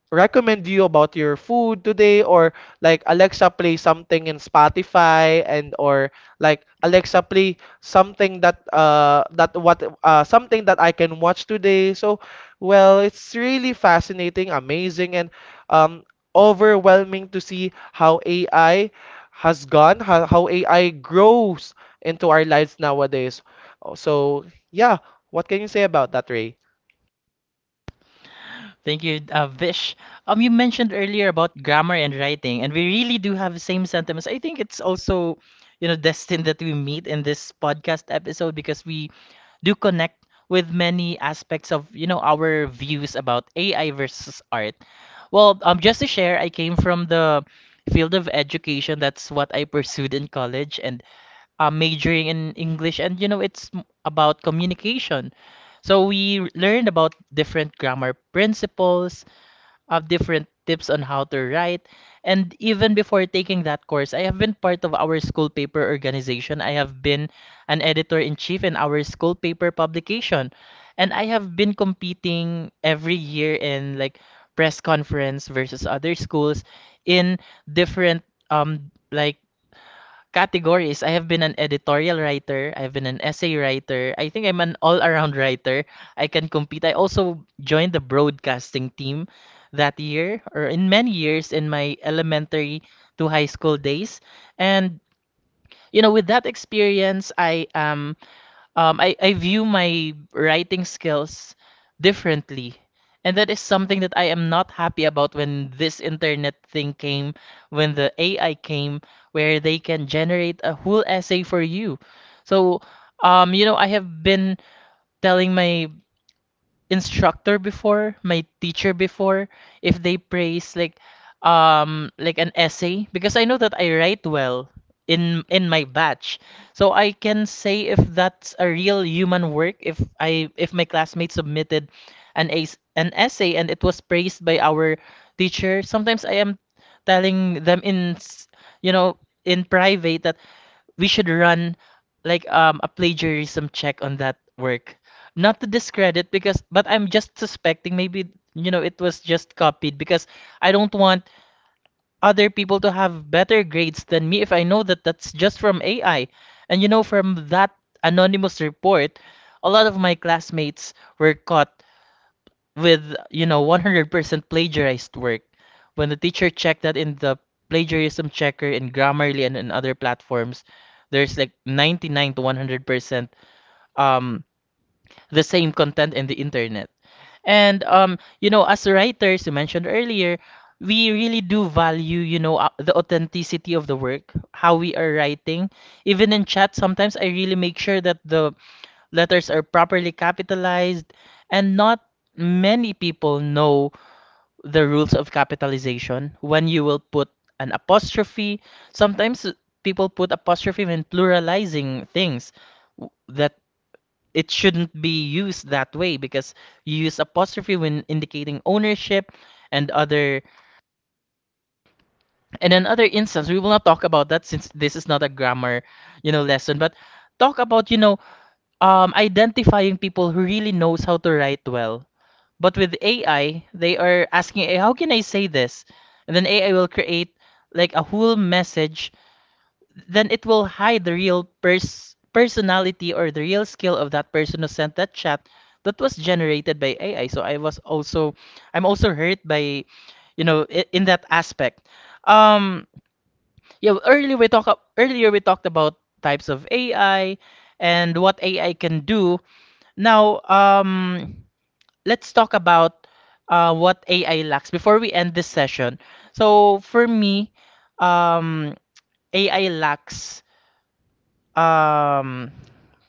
[SPEAKER 2] recommend you about your food today, or like Alexa play something in Spotify and, or like Alexa play something that that what something that I can watch today. So, well, it's really fascinating, amazing, and um overwhelming to see how AI has gone, how AI grows into our lives nowadays. Oh, So yeah, what can you say about that, Ray?
[SPEAKER 1] Thank you, Vish. You mentioned earlier about grammar and writing, and we really do have the same sentiments. I think it's also, you know, [laughs] destined that we meet in this podcast episode because we do connect with many aspects of, you know, our views about AI versus art. Well, just to share, I came from the field of education. That's what I pursued in college, and majoring in English, and you know, about communication. So we learned about different grammar principles, of different tips on how to write, and even before taking that course, I have been part of our school paper organization. I have been an editor in chief in our school paper publication, and I have been competing every year in like press conference versus other schools in different like categories. I have been an editorial writer, I've been an essay writer. I think I'm an all-around writer. I can compete. I also joined the broadcasting team that year or in many years in my elementary to high school days. And you know, with that experience, I am I view my writing skills differently. And that is something that I am not happy about when this internet thing came, when the AI came, where they can generate a whole essay for you. So, you know, I have been telling my instructor before, my teacher before, if they praise like an essay because I know that I write well in my batch. So I can say if that's a real human work if I if my classmate submitted an essay and it was praised by our teacher. Sometimes I am telling them you know in private that we should run like a plagiarism check on that work. Not to discredit because but I'm just suspecting maybe you know it was just copied because I don't want other people to have better grades than me if I know that that's just from AI. And you know from that anonymous report, a lot of my classmates were caught with you know 100% plagiarized work when the teacher checked that in the plagiarism checker in grammarly and in other platforms there's like 99 to 100% um the same content in the internet and you know as writers you mentioned earlier we really do value you know the authenticity of the work, how we are writing. Even in chat sometimes I really make sure that the letters are properly capitalized and not many people know the rules of capitalization. When you will put an apostrophe, sometimes people put apostrophe when pluralizing things that it shouldn't be used that way because you use apostrophe when indicating ownership and other and another instance. We will not talk about that since this is not a grammar you know lesson, but talk about you know identifying people who really knows how to write well. But with AI, they are asking, "Hey, how can I say this?" And then AI will create like a whole message. Then it will hide the real personality or the real skill of that person who sent that chat that was generated by AI. So I was also, I'm also hurt by, you know, in that aspect. Um, yeah, earlier we talked about types of AI and what AI can do. Now, let's talk about what AI lacks before we end this session. So for me, um, AI lacks um,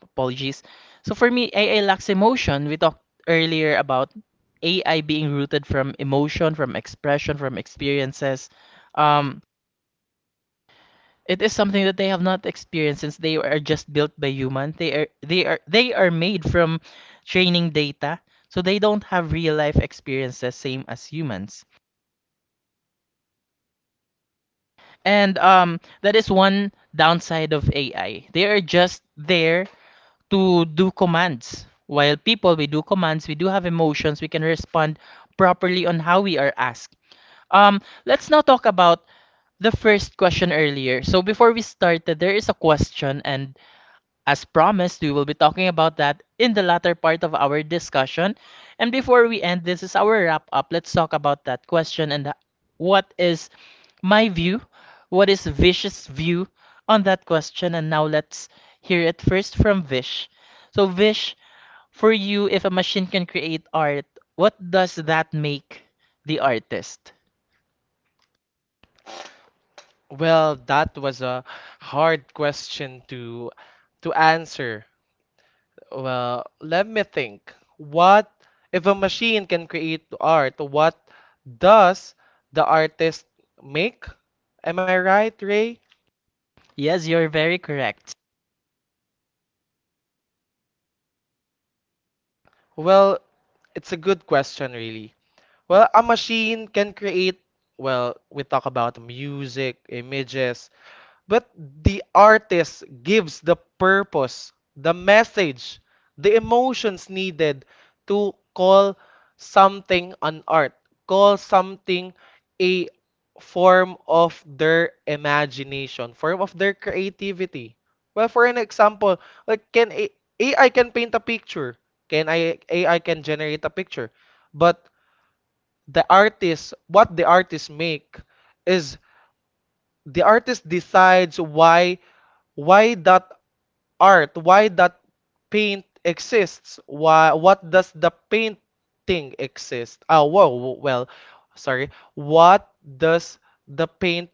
[SPEAKER 1] apologies. So for me, AI lacks emotion. We talked earlier about AI being rooted from emotion, from expression, from experiences. Um, it is something that they have not experienced since they are just built by human. They are made from training data, so they don't have real life experiences same as humans. And that is one downside of AI. They are just there to do commands. While people, we do commands, we do have emotions, we can respond properly on how we are asked. Let's now talk about the first question earlier. So before we started, there is a question, and as promised, we will be talking about that in the latter part of our discussion. And before we end, this is our wrap up. Let's talk about that question and what is my view? What is Vish's view on that question? And now let's hear it first from Vish. So, Vish, for you, if a machine can create art, what does that make the artist?
[SPEAKER 2] Well, that was a hard question to answer. Well, let me think. What if a machine can create art, what does the artist make? Am I right, Ray?
[SPEAKER 1] Yes, you're very correct.
[SPEAKER 2] Well, it's a good question, really. Well, a machine can create, well, we talk about music, images, but the artist gives the purpose, the message, the emotions needed to call something an art, call something a form of their imagination, form of their creativity. Well, for an example, like, AI can paint a picture, can I AI can generate a picture, but the artist, what the artist make is the artist decides why that art, why that paint exists? Why, what does the painting exist? Oh, whoa, well, sorry. What does the paint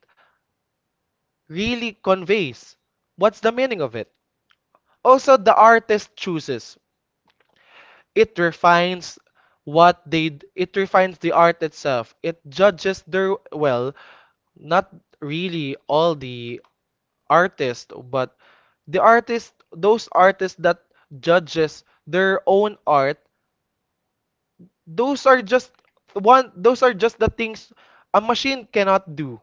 [SPEAKER 2] really conveys? What's the meaning of it? Also, the artist chooses. It refines what they it refines the art itself. It judges their, well, not really all the artist, but the artists, those artists that judges their own art, those are just those are just the things a machine cannot do.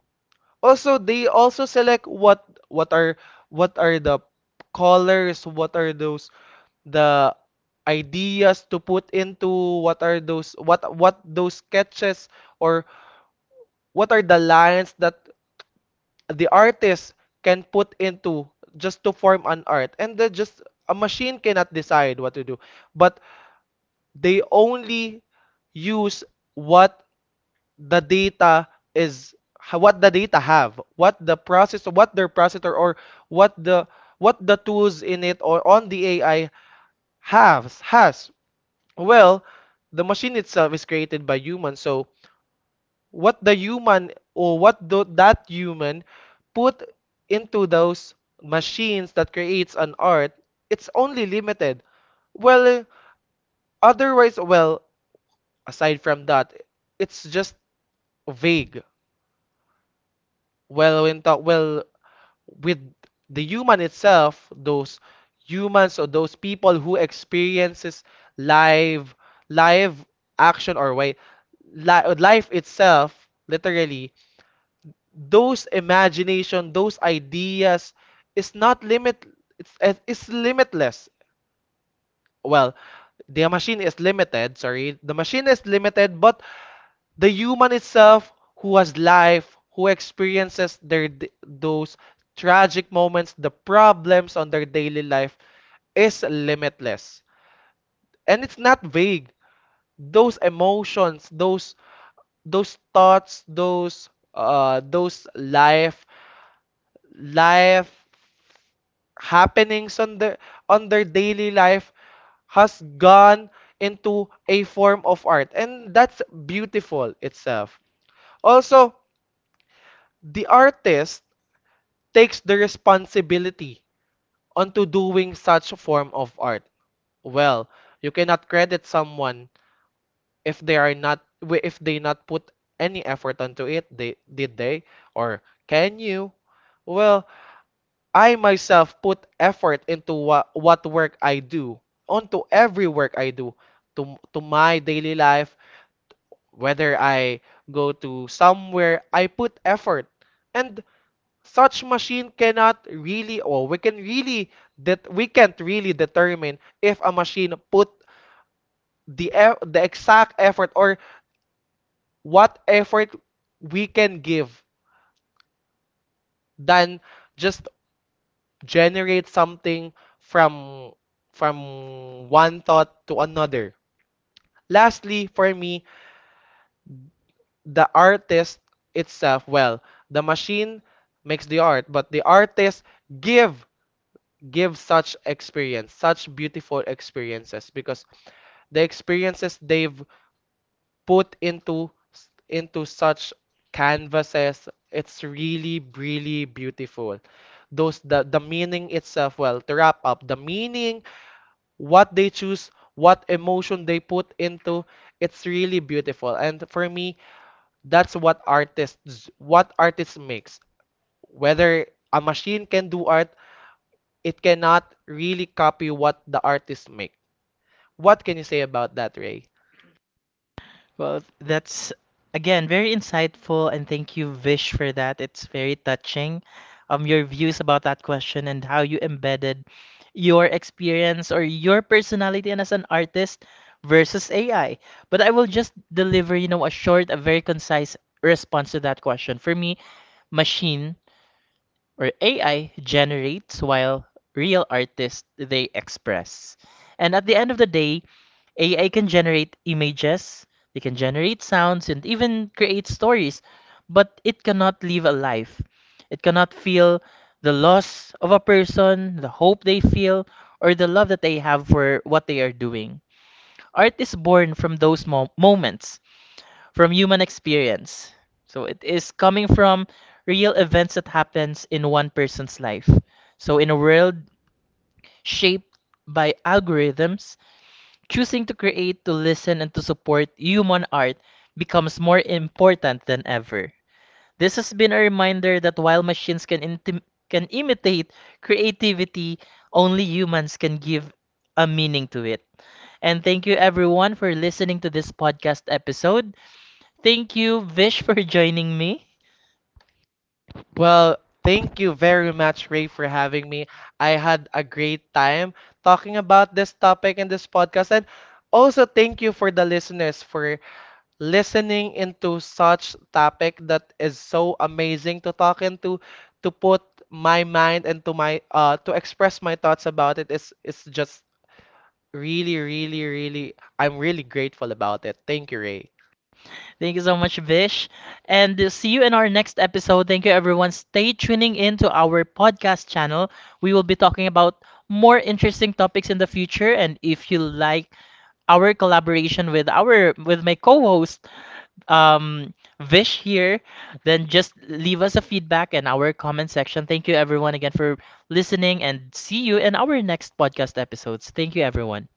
[SPEAKER 2] Also, they also select what are the colors, what are those the ideas to put into, what are those, what those sketches, or what are the lines that the artist can put into just to form an art. And then just a machine cannot decide what to do, but they only use what the data is, what the data have, what the process, what their processor, or what the, what the tools in it or on the AI has. Well, the machine itself is created by humans, so what the human, or what do that human put into those machines that creates an art, it's only limited. Well, otherwise, well, aside from that, it's just vague. Well, when well, with the human itself, those humans or those people who experiences live live action, or way, life itself, literally, those imagination, those ideas is not limit, it's limitless. Well, the machine is limited, sorry. The machine is limited, but the human itself who has life, who experiences their those tragic moments, the problems on their daily life is limitless. And it's not vague. Those emotions, those thoughts, those life happenings on their daily life has gone into a form of art, and that's beautiful itself. Also, the artist takes the responsibility onto doing such form of art. Well, you cannot credit someone if they are not if they not put any effort onto it. They did they or Can you? Well, I myself put effort into what work I do, onto every work I do, to my daily life, whether I go to somewhere, I put effort. And such machine cannot really, or we can really, that we can't really determine if a machine put the the exact effort, or what effort we can give, than just generate something from from one thought to another. Lastly, for me, the artist itself, well, the machine makes the art, but the artist give give such experience, such beautiful experiences, because the experiences they've put into such canvases, it's really really beautiful. Those The meaning itself, well, to wrap up, the meaning what they choose, what emotion they put into, it's really beautiful. And for me, that's what artists, makes. Whether a machine can do art, it cannot really copy what the artist make. What can you say about that, Ray?
[SPEAKER 1] Well, that's again very insightful, and thank you, Vish, for that. It's very touching. Your views about that question and how you embedded your experience or your personality and as an artist versus AI. But I will just deliver, you know, a short, a very concise response to that question. For me, machine or AI generates while real artists they express. And at the end of the day, AI can generate images, it can generate sounds, and even create stories, but it cannot live a life. It cannot feel the loss of a person, the hope they feel, or the love that they have for what they are doing. Art is born from those moments, from human experience. So it is coming from real events that happens in one person's life. So in a world shaped by algorithms, choosing to create, to listen, and to support human art becomes more important than ever. This has been a reminder that while machines can imitate creativity, only humans can give a meaning to it. And thank you everyone for listening to this podcast episode. Thank you, Vish, for [laughs] joining me.
[SPEAKER 2] Well, thank you very much, Ray, for having me. I had a great time talking about this topic in this podcast. And also, thank you for the listeners for listening into such topic that is so amazing to talk into, to put my mind and to my to express my thoughts about it, is just really really, I'm really grateful about it. Thank you, Ray.
[SPEAKER 1] Thank you so much, Vish. And see you in our next episode. Thank you, everyone. Stay tuning in to our podcast channel. We will be talking about more interesting topics in the future. And if you like our collaboration with our with my co-host um, Vish here, then just leave us a feedback in our comment section. Thank you, everyone, again for listening, and see you in our next podcast episodes. Thank you, everyone.